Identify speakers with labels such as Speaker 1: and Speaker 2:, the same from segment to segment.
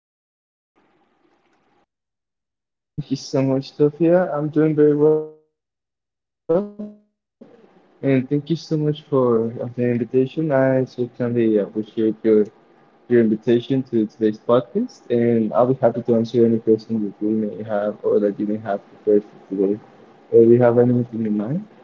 Speaker 1: are you?
Speaker 2: Oh, thank you so much, Sophia. I'm doing very well. And thank you so much for the invitation. I certainly appreciate your invitation to today's podcast, and I'll be happy to answer any question that you may have or that you may have prepared for today. Do you have anything in mind?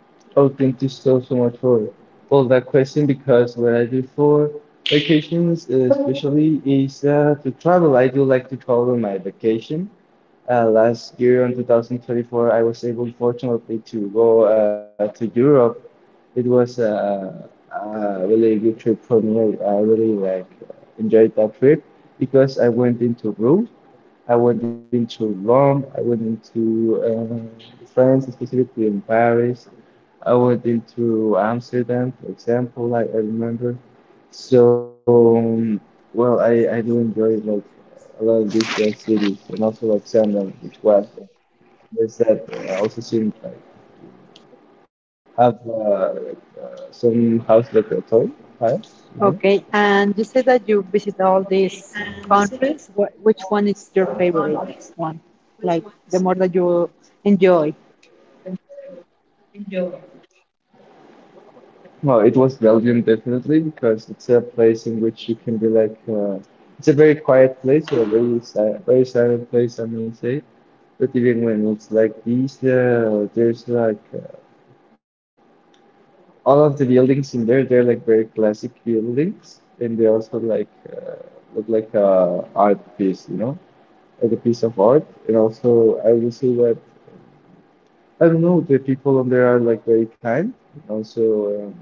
Speaker 2: Oh, thank you so much for all that question because what I do for vacations, especially, is to travel. I do like to travel on my vacation. Last year in 2024, I was able, fortunately, to go to Europe. It was a really good trip for me. I really like enjoyed that trip because I went into Rome, I went into France, specifically in Paris. I went into Amsterdam, for example. I remember. So, um, well, I, I do enjoy like a lot of these cities and also like Amsterdam, which was there's that also seem like have some house like a toy house, you know?
Speaker 1: Okay, and you said that you visit all these countries. Which one is your favorite one? Like, the more that you enjoy?
Speaker 2: Well, it was Belgium definitely because it's a place in which you can be like it's a very quiet place or a very si very silent place, I may say. But even when it's like these, there's like all of the buildings in there, they're like very classic buildings, and they also like look like a art piece, you know, like a piece of art. And also, I will say that I don't know, the people on there are like very kind. Also, um,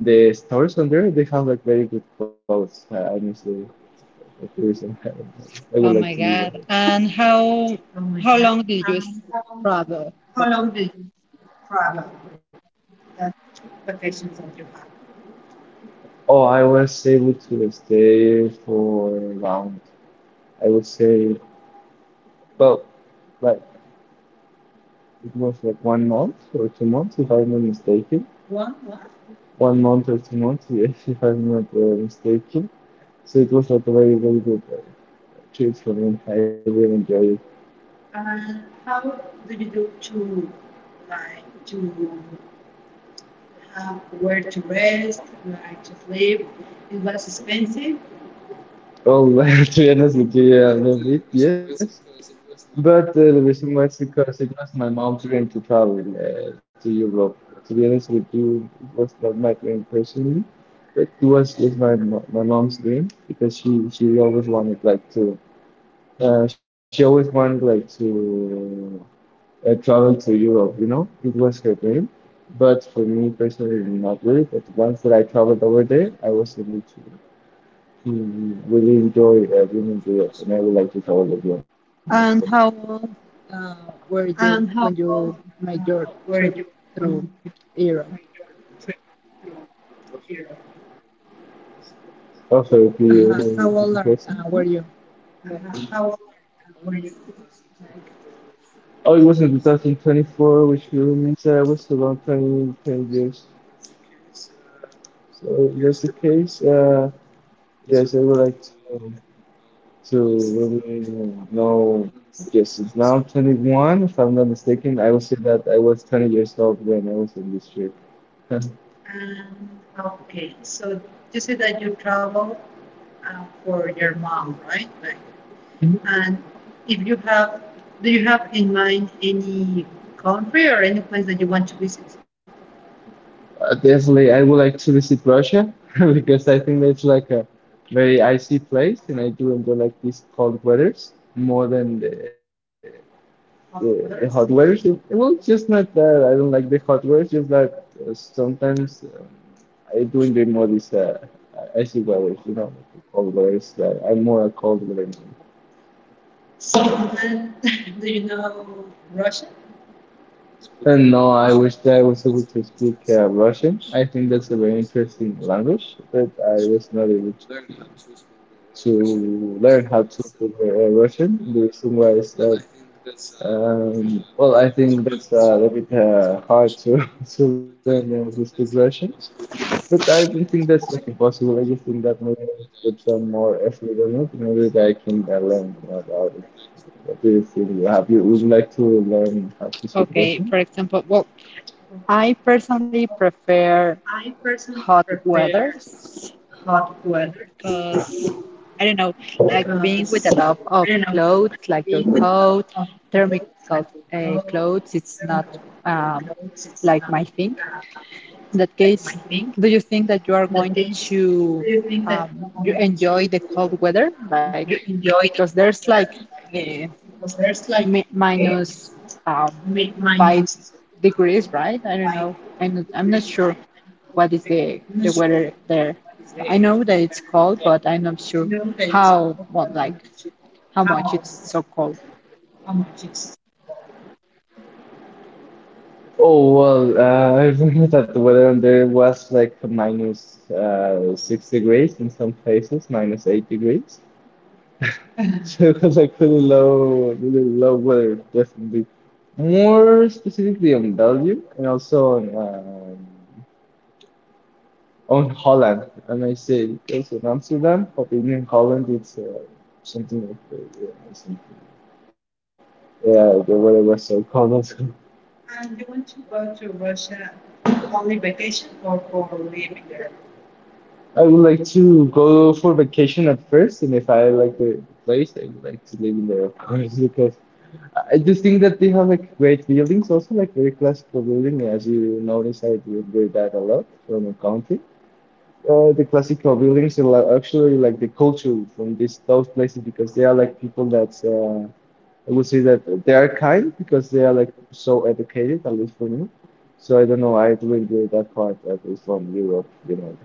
Speaker 2: the stores on there, they have like very good clothes. I miss the tourism. I
Speaker 1: Oh
Speaker 2: would
Speaker 1: my
Speaker 2: like to live
Speaker 1: God!
Speaker 2: over.
Speaker 1: And how long did you travel?
Speaker 2: Oh, I was able to stay for around, I would say, well, like it was like 1 month or 2 months, if I'm not mistaken. 1 month or 2 months, yes, if I'm not mistaken. So it was like a very, very good trip for me. I really enjoyed it. Oh, well, to be honest with you, yeah, a little bit, yes. But the reason why it's because it was my mom's dream to travel to Europe. To be honest with you, it was not my dream personally, but it was just my my mom's dream because she always wanted like to uh, she always wanted like to travel to Europe. You know, it was her dream. But for me personally, not really. But once that I traveled over there, I was able to. We really enjoy, really enjoy it, and I would like to travel again, of
Speaker 1: And
Speaker 2: course.
Speaker 1: how old were you when you made your trip through Europe?
Speaker 2: Also, if you
Speaker 1: Uh-huh. How
Speaker 2: repeat the
Speaker 1: old
Speaker 2: question, please.
Speaker 1: were you? Like,
Speaker 2: Oh, it was in 2024, which really means I was around 20, 10 years. So if that's the case. Yes, I would like to really know. Yes, it's now 21, if I'm not mistaken. I would say that I was 20 years old when I was in this trip. Definitely I would like to visit Russia because I think that's like a very icy place, and I do enjoy like these cold weathers more than the hot weathers. It- Well, it's just not that I don't like the hot weathers, just that sometimes I do enjoy more these icy weathers, you know, the cold weathers. That I'm more a cold weather man. And no, I wish that I was able to speak Russian. I think that's a very interesting language, but I was not able to learn how to speak Russian. The reason why is that, well, I think that's a little bit hard to, to learn to speak Russian, but I don't think that's like impossible. I just think that maybe I should put some more effort on it in order that I can learn more about it. What do you think? You Have you would like to learn how to speak Russian?
Speaker 1: okay, for example, well, I personally prefer hot weathers because I don't know, like being with a lot of clothes, like your coat, thermical clothes, it's not um, like my thing. In that case, do you think that you are going to, you enjoy the cold weather? Like, because there's like uh, minus, um, 5 degrees, right? I don't know. I'm not sure what is the weather there. I know that it's cold, but I'm not sure how, well, like how much it's so cold.
Speaker 2: Oh well, I remember that the weather there was like minus 6 degrees in some places, minus 8 degrees. So it was like really low weather, definitely. More specifically on Belgium and also on Holland. And I say because in Amsterdam, but in Holland it's something like yeah, something. Yeah, the weather was so cold. Also. I would like to go for vacation at first, and if I like the place, I would like to live in there, of course, because I just think that they have like great buildings, also like very classical building. As you notice, I do hear that a lot from the country. The classical buildings are like, actually like the culture from these those places because they are like people that I would say that they are kind because they are like so educated, at least for me. So I don't know, I do enjoy that part, at least from Europe, you know.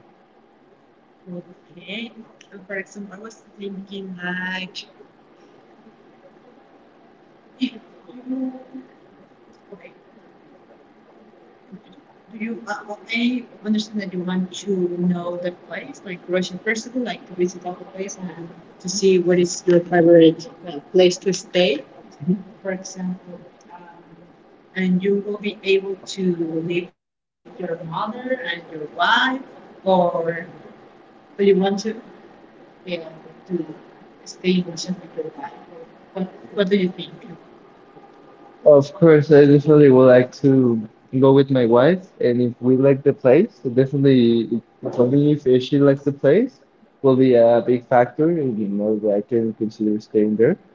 Speaker 2: Of course, I definitely would like to go with my wife, and if we like the place, definitely for me, if she likes the place, will be a big factor in you know that I can consider staying there.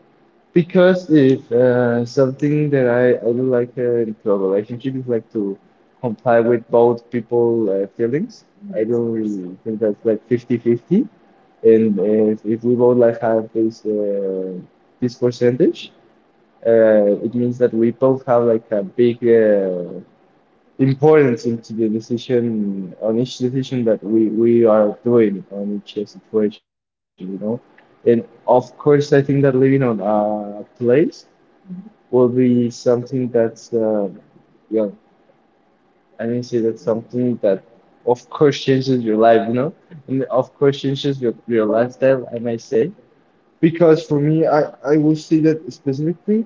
Speaker 2: Because if something that I do like into a relationship is like to comply with both people feelings. I don't really think that's like 50-50, and if we both like have this percentage it means that we both have like a big importance into the decision on each decision that we are doing on each situation, you know. And of course I think that living on a place will be something that's yeah say that's something that of course changes your life, you know, and of course changes your lifestyle, I might say, because for me I will say that specifically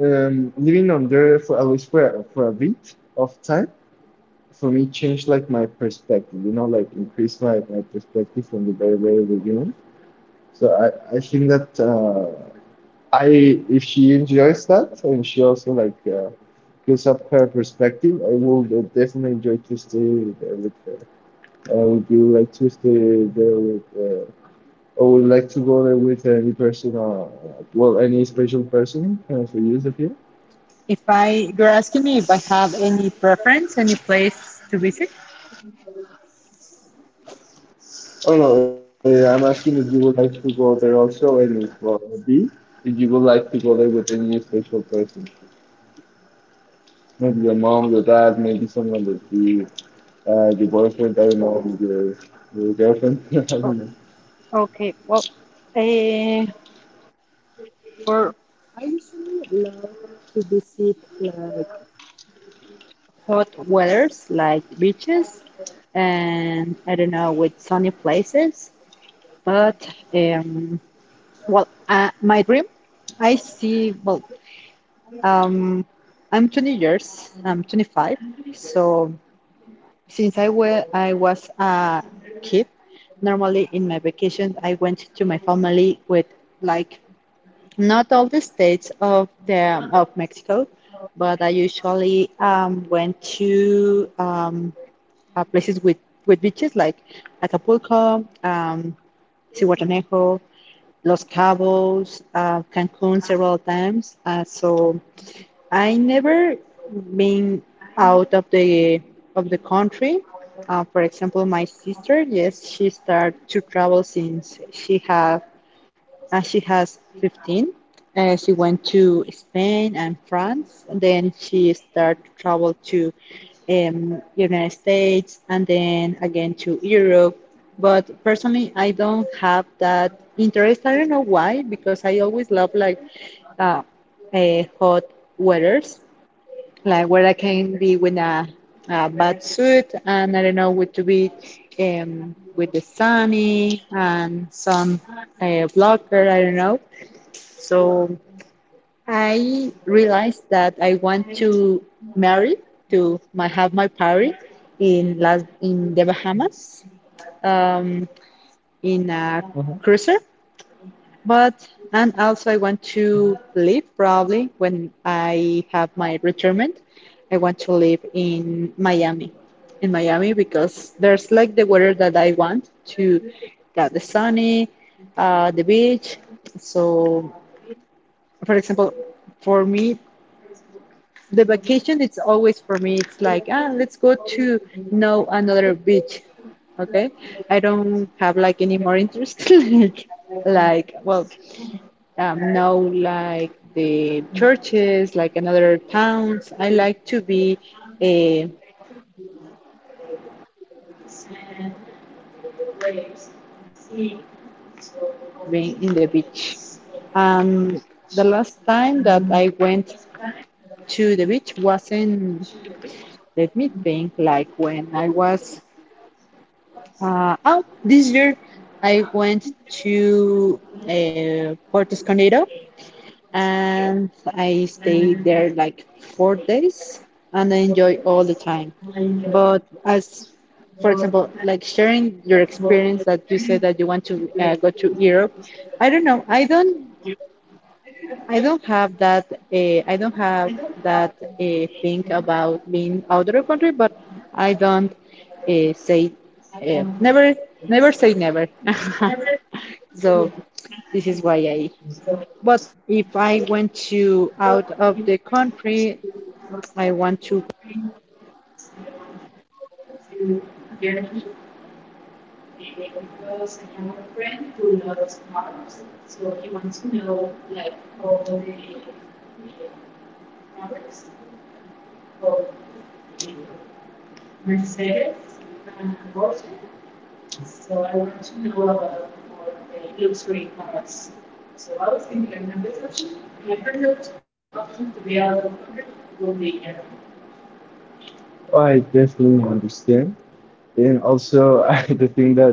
Speaker 2: Living under for at least for a bit of time for me changed like my perspective, you know, like increase my perspective from the very very beginning. So I think that I if she enjoys that and she also like gives up her perspective, I will definitely enjoy to stay there with her. Would you like to stay there with? Or would like to go there with any person, well, any special person for you, Sophia?
Speaker 1: If, I you're asking me if I have any preference, any place to visit?
Speaker 2: Oh no, I'm asking if you would like to go there also, and if B, if you would like to go there with any special person, maybe your mom, your dad, maybe someone that you, your boyfriend, I don't know, your girlfriend, I
Speaker 1: Oh,
Speaker 2: don't know.
Speaker 1: okay. Well, uh, for I usually love to visit like hot weathers, like beaches, and I don't know, with sunny places. But um, well, my dream, I see. Well, um, I'm 20 years. I'm 25. So since I was a kid, normally in my vacations I went to my family with, like, not all the states of the of Mexico, but I usually went to, places with beaches like Acapulco, Cihuatanejo, Los Cabos, Cancun several times. So I never been out of the country. For example, my sister, yes, she started to travel since she has 15. She went to Spain and France, and then she started to travel to, United States, and then again to Europe. But personally, I don't have that interest. I don't know why, because I always love like uh, hot weathers, like where I can be with a bad suit, and I don't know what to be, with the sunny and some blocker. I don't know. So I realized that I want to marry to my have my party in Las in the Bahamas, um, in a
Speaker 2: Uh-huh.
Speaker 1: cruiser, but, and also I want to live probably when I have my retirement. I want to live in Miami, in Miami, because there's like the weather that I want to, that the sunny, the beach. So, for example, for me, the vacation, it's always, for me it's like, ah, let's go to know another beach, okay, I don't have like any more interest like, well, know, like the churches, like another towns. I like to be a, play with the sand and with the waves in the sea. So for me the vacation it's always been in the beach. Um, the last time that I went to the beach wasn't, let me think, like when I was out this year, I went to Puerto Escondido, and I stayed there like 4 days, and I enjoy all the time. But as, for example, like sharing your experience that you said that you want to go to Europe, I don't know, I don't have that. I don't have that thing about being out of the country, but I don't say never. Never say never. So this is why I. But if I went to out of the country, I want to.
Speaker 2: I definitely understand. And also, I the thing that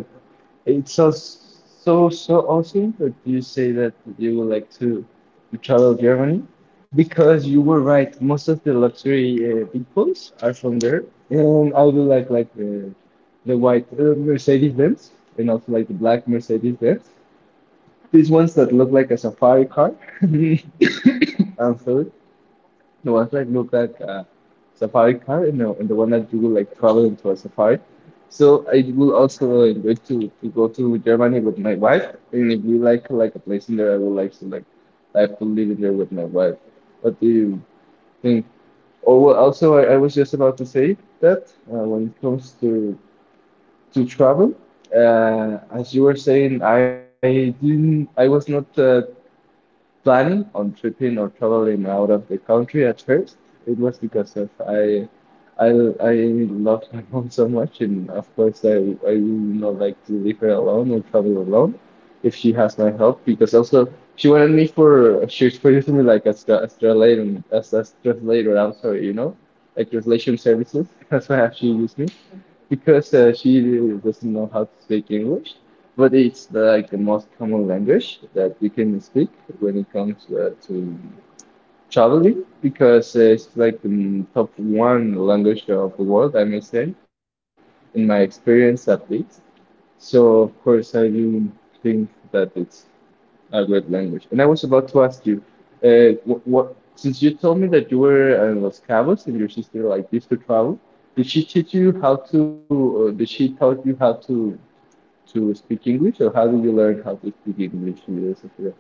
Speaker 2: it's so awesome that you say that you would like to travel Germany because you were right. Most of the luxury vehicles are from there, and I do like the white Mercedes Benz and also like the black Mercedes Benz. These ones that look like a safari car. I'm sorry. No, I've like looked at Safari car, you know, and the one that you will like travel into a safari. So I will also really enjoy to go to Germany with my wife, and if we like a place in there, I would like to like I have to live in there with my wife. What do you think? Or well, also I was just about to say that when it comes to travel, as you were saying, I was not planning on tripping or traveling out of the country at first. It was because of I I love my home so much, and of course I would not like to leave her alone or travel alone if she has my help because also she was for using me like as as translator. I'm sorry, you know, like translation services. That's why she used me because she really doesn't know how to speak English, but it's like the most common language that you can speak when it comes to traveling because it's like the top one language of the world, I may say, in my experience at least. So of course I do think that it's great language. And I was about to ask you, what since you told me that you were in Los Cabos and your sister like used to travel, did she teach you how to? Did she taught you how to speak English, or how did you learn how to speak English? You know, Sophia?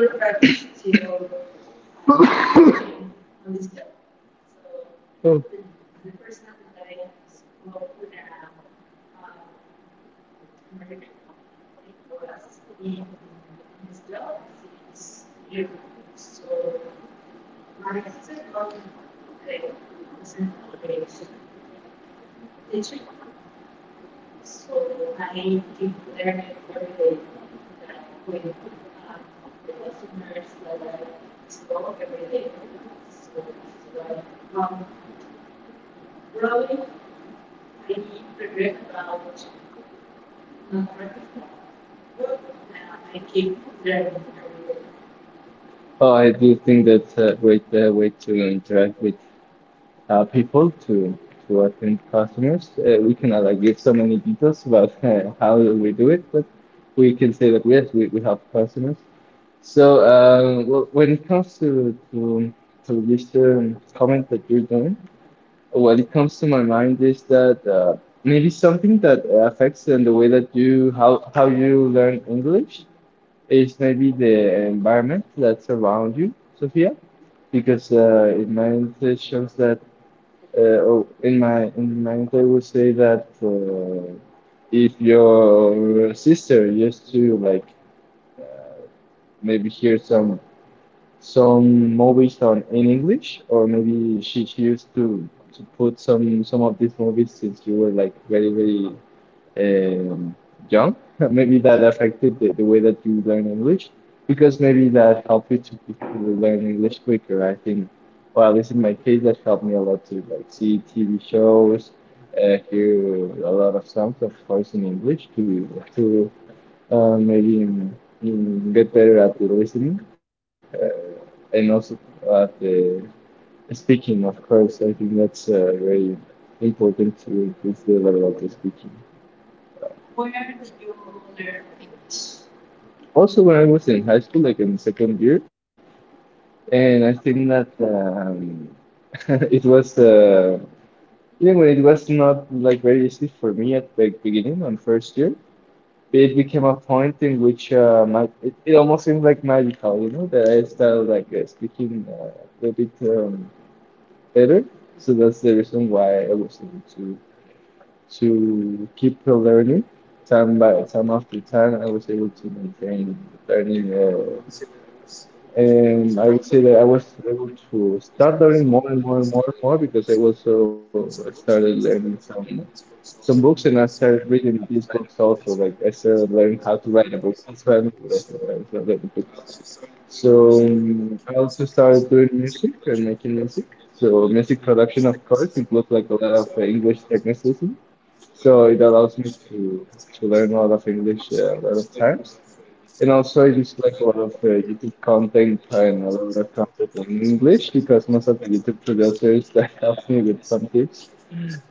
Speaker 2: Oh, I do think that's a great way to interact with people to attend customers. We cannot like give so many details about how we do it, but we can say that yes, we help customers. So well, when it comes to this comment that you're doing, what it comes to my mind is that maybe something that affects in the way that you how you learn English is maybe the environment that's around you, Sophia, because in my intake shows that oh, in my intake would say that if your sister used to like maybe hear some movies on in English, or maybe she used to put some of these movies since you were like very um, young. Maybe that affected the way that you learn English, because maybe that helped you to learn English quicker. I think, or at least in my case, that helped me a lot to like see TV shows, hear a lot of songs, of course, in English to maybe get better at the listening, uh, and also at the speaking. Of course, I think that's very important to increase the level of the speaking. Also, when I was in high school, like in the second year, and I think that it was even when it was not like very easy for me at the beginning on first year, it became a point in which it almost seemed like magical, that I started like speaking a little bit better. So that's the reason why I was able to keep learning time by time after time. I was able to maintain learning and I would say that I was able to start learning more and more and more and more, because I also started learning some books, and I started reading these books also. Like I started learning how to write a book. That's why I know what I said. I started writing books. So I also started doing music and making music. So music production, of course, includes like a lot of English technicism. So it allows me to learn a lot of English a lot of times. And also, I just like a lot of YouTube content and a lot of content in English, because most of the YouTube producers that help me with some tips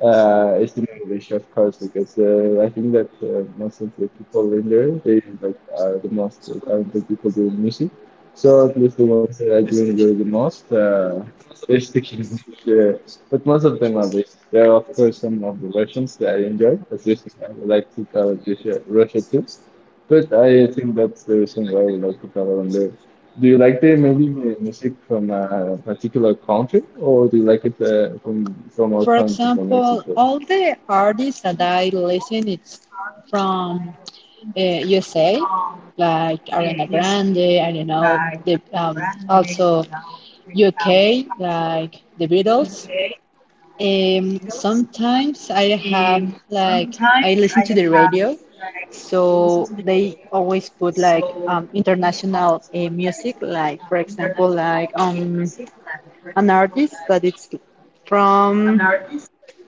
Speaker 2: is in English, of course, because I think that most of the people in there, they like are the most talented people doing music. So at least the ones that I do enjoy the most, they speak in English. But most of them are based. There are, of course, some of the Russians that I enjoy. As you, I would like to travel to Russia too. But I think that's the reason why we like to travel and live. Do you like the maybe the music from a particular country, or do you like it from our
Speaker 1: For
Speaker 2: country, from
Speaker 1: example,
Speaker 2: Mexico?
Speaker 1: all the artists that I listen it's from USA, like Ariana Grande. I don't know. The also UK, like the Beatles. Sometimes I have like, I listen to the radio, so they always put like, international music, like, for example, like, um, an artist that it's from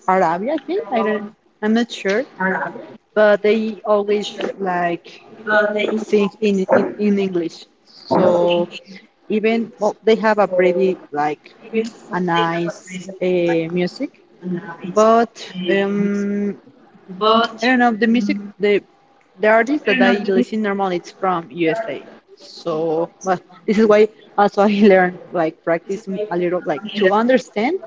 Speaker 1: Arabia, I think. I'm not sure, but they always like sing in English. So even, well, they have a pretty like a nice music. But um, I don't know the music. The artist that I listen normally it's from USA. So, but this is why also I learn, like practice a little, like to understand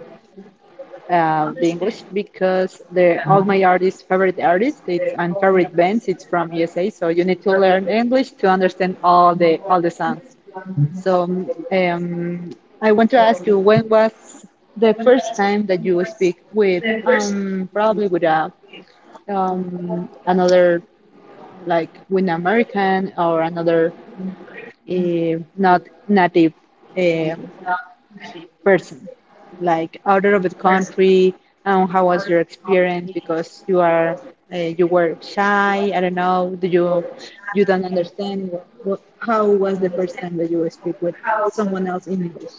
Speaker 1: the English, because the all my artists, favorite artists, it's, and favorite bands, it's from USA. So you need to learn English to understand all the songs. So um, I want to ask you, when was the first time that you speak with, probably with a, another, like with an American or another not native um person, like out of the country? How was your experience? Because you are you were shy. I don't know. Do you, you don't understand? How was the first time that you speak with someone else in English?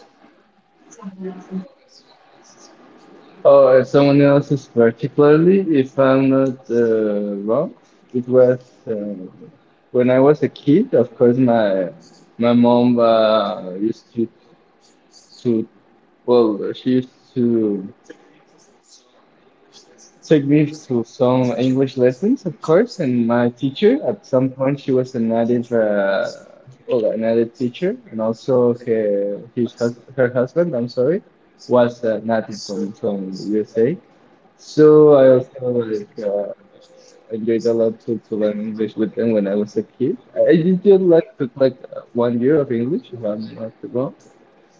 Speaker 2: Oh, someone else's particularly, if I'm not wrong, it was uh, when I was a kid. Of course, my mom used to well, she used to took me to some English lessons, of course, and my teacher at some point she was a native, well, a native teacher, and also her husband, I'm sorry, was a native from USA. So I also like enjoyed a lot to learn English with them when I was a kid. I did just like took like one year of English, if I'm not wrong.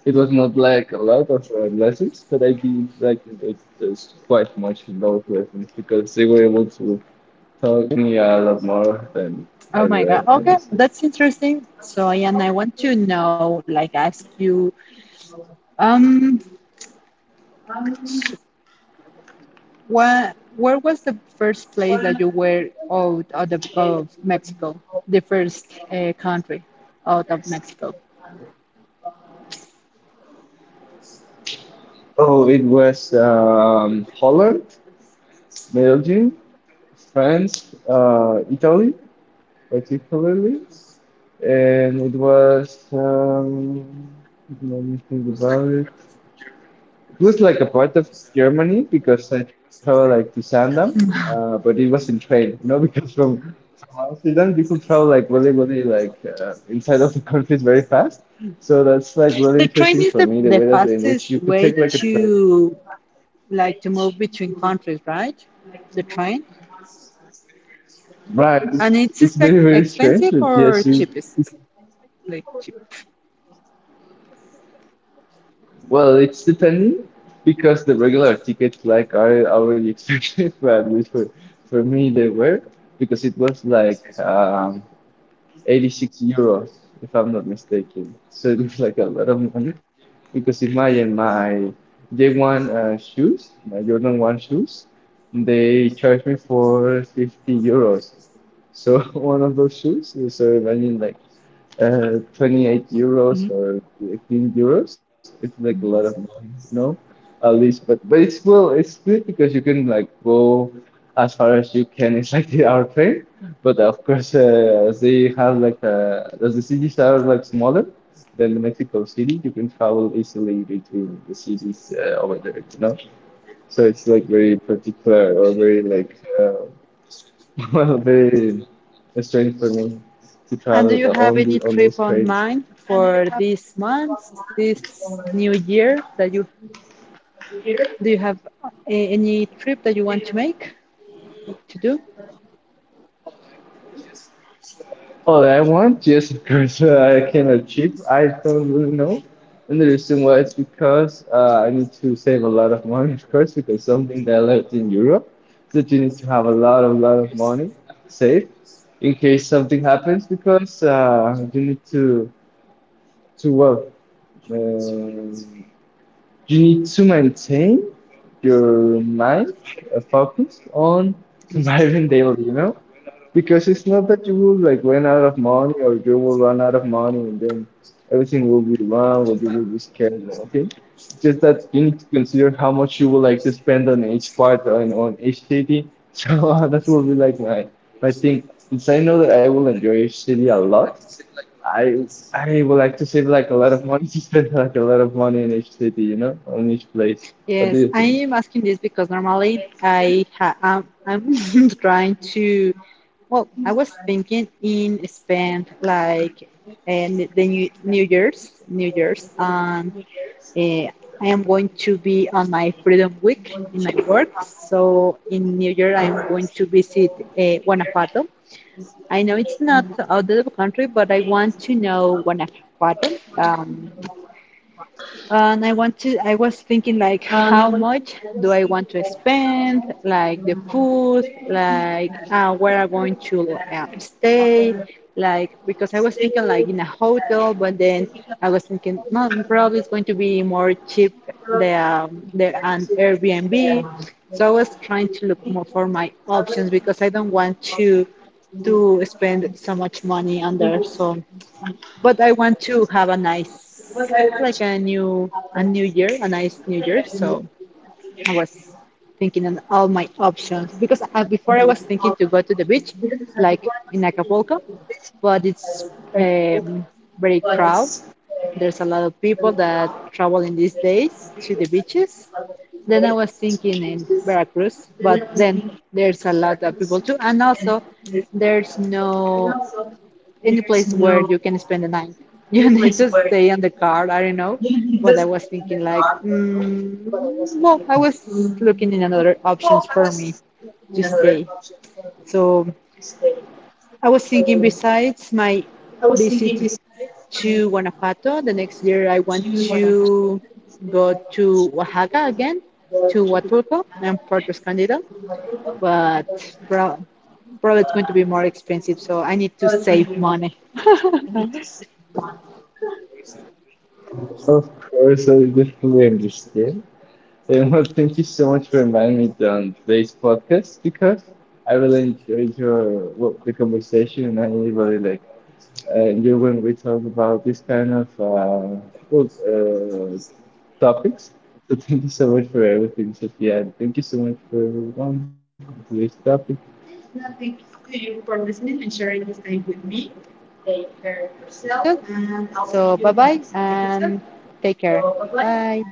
Speaker 2: It was not like a lot of lessons, but I did like it was quite much those lessons because they were able to taught me a lot more than
Speaker 1: Oh my
Speaker 2: ever,
Speaker 1: God. Okay,
Speaker 2: honestly.
Speaker 1: that's interesting. So, and I want to know, like, ask you, um, so where was the first place that you were out of, of Mexico, the first country out of Mexico?
Speaker 2: Oh, it was Holland, Belgium, France, Italy, particularly, and it was let me think about it. It was like a part of Germany because I traveled like to Sandam, but it was in train, because from Amsterdam you could travel like really, really like inside of the countries very fast. So that's like really
Speaker 1: The
Speaker 2: interesting
Speaker 1: train
Speaker 2: for
Speaker 1: is
Speaker 2: me the way
Speaker 1: the
Speaker 2: that in which you could
Speaker 1: fastest
Speaker 2: take
Speaker 1: way
Speaker 2: like a train.
Speaker 1: to, like, to move between countries, right? The train,
Speaker 2: Right,
Speaker 1: and
Speaker 2: it's,
Speaker 1: it's
Speaker 2: it's
Speaker 1: expect
Speaker 2: very very strange,
Speaker 1: expensive
Speaker 2: but yes,
Speaker 1: or
Speaker 2: you
Speaker 1: cheapest, like cheap.
Speaker 2: well, it's depending because the regular tickets like are already expensive, but at least for me they were, because it was like. 86 euros, if I'm not mistaken. So it was like a lot of money, because imagine my J1 shoes, my Jordan 1 shoes, they charged me for 50 euros. So one of those shoes, so imagine like 28 euros or 15 euros. It's like a lot of money, at least. But it's well, it's good because you can like go as far as you can. It's like the hour train. But of course, as they have like as the cities are like smaller than the Mexico City, you can travel easily between the cities over there. So it's like very particular or very like well, very strange for me to
Speaker 1: And
Speaker 2: travel
Speaker 1: do you
Speaker 2: the- on
Speaker 1: have
Speaker 2: the,
Speaker 1: any
Speaker 2: on those
Speaker 1: trip on
Speaker 2: trains.
Speaker 1: mind for this month, this new year that you, do you have any trip that you want to make to do?
Speaker 2: All I want just because I can achieve. I don't really know. And the reason why it's because I need to save a lot of money, of course, because something that I learned in Europe is that you need to have a lot of money saved in case something happens, because you need to work. Um, you need to maintain your mind focused on surviving daily, you know? Because it's not that you will like run out of money, or you will run out of money and then everything will be wrong or you will be scared or anything. It's just that you need to consider how much you would like to spend on each part and on each city. So that will be like my thing. Since I know that I will enjoy each city a lot, I I would like to save like a lot of money to spend like a lot of money in each city, on each place. What do
Speaker 1: Yes,
Speaker 2: you
Speaker 1: I
Speaker 2: think?
Speaker 1: am asking this because normally I'm trying to, well, I was thinking in spend like, and the new New Year's on. Uh, I am going to be on my Freedom Week in my work. So in New York, I am going to visit Guanajuato. I know it's not out of the country, but I want to know Guanajuato. Um, and I want to, I was thinking like, how much do I want to spend? Like the food, like where I'm going to stay, like because I was thinking like in a hotel, but then I was thinking, no, probably it's going to be more cheap than, than an Airbnb. So I was trying to look more for my options because I don't want to spend so much money on there. So, but I want to have a nice, like a new year, a nice new year. So I was thinking on all my options, because before I was thinking to go to the beach, like in Acapulco, but it's very crowded. There's a lot of people that travel in these days to the beaches. Then I was thinking in Veracruz, but then there's a lot of people too, and also there's no any place where you can spend the night. You need to stay in the car. I don't know, but I was thinking like, mm, no, I was looking in another options for me to stay. So I was thinking besides my visit to Guanajuato, the next year I want to go to Oaxaca again, to Huatulco and Puerto Escondido, but pro- probably it's going to be more expensive, so I need to save money.
Speaker 2: Of course, I definitely understand. And well, thank you so much for inviting me on today's podcast, because I really enjoyed your well, the conversation, and I really really, like enjoy when we talk about this kind of well, topics. So thank you so much for everything, Sophia, and thank you so much for everyone on today's topic.
Speaker 1: So, so bye bye, and take care. Bye.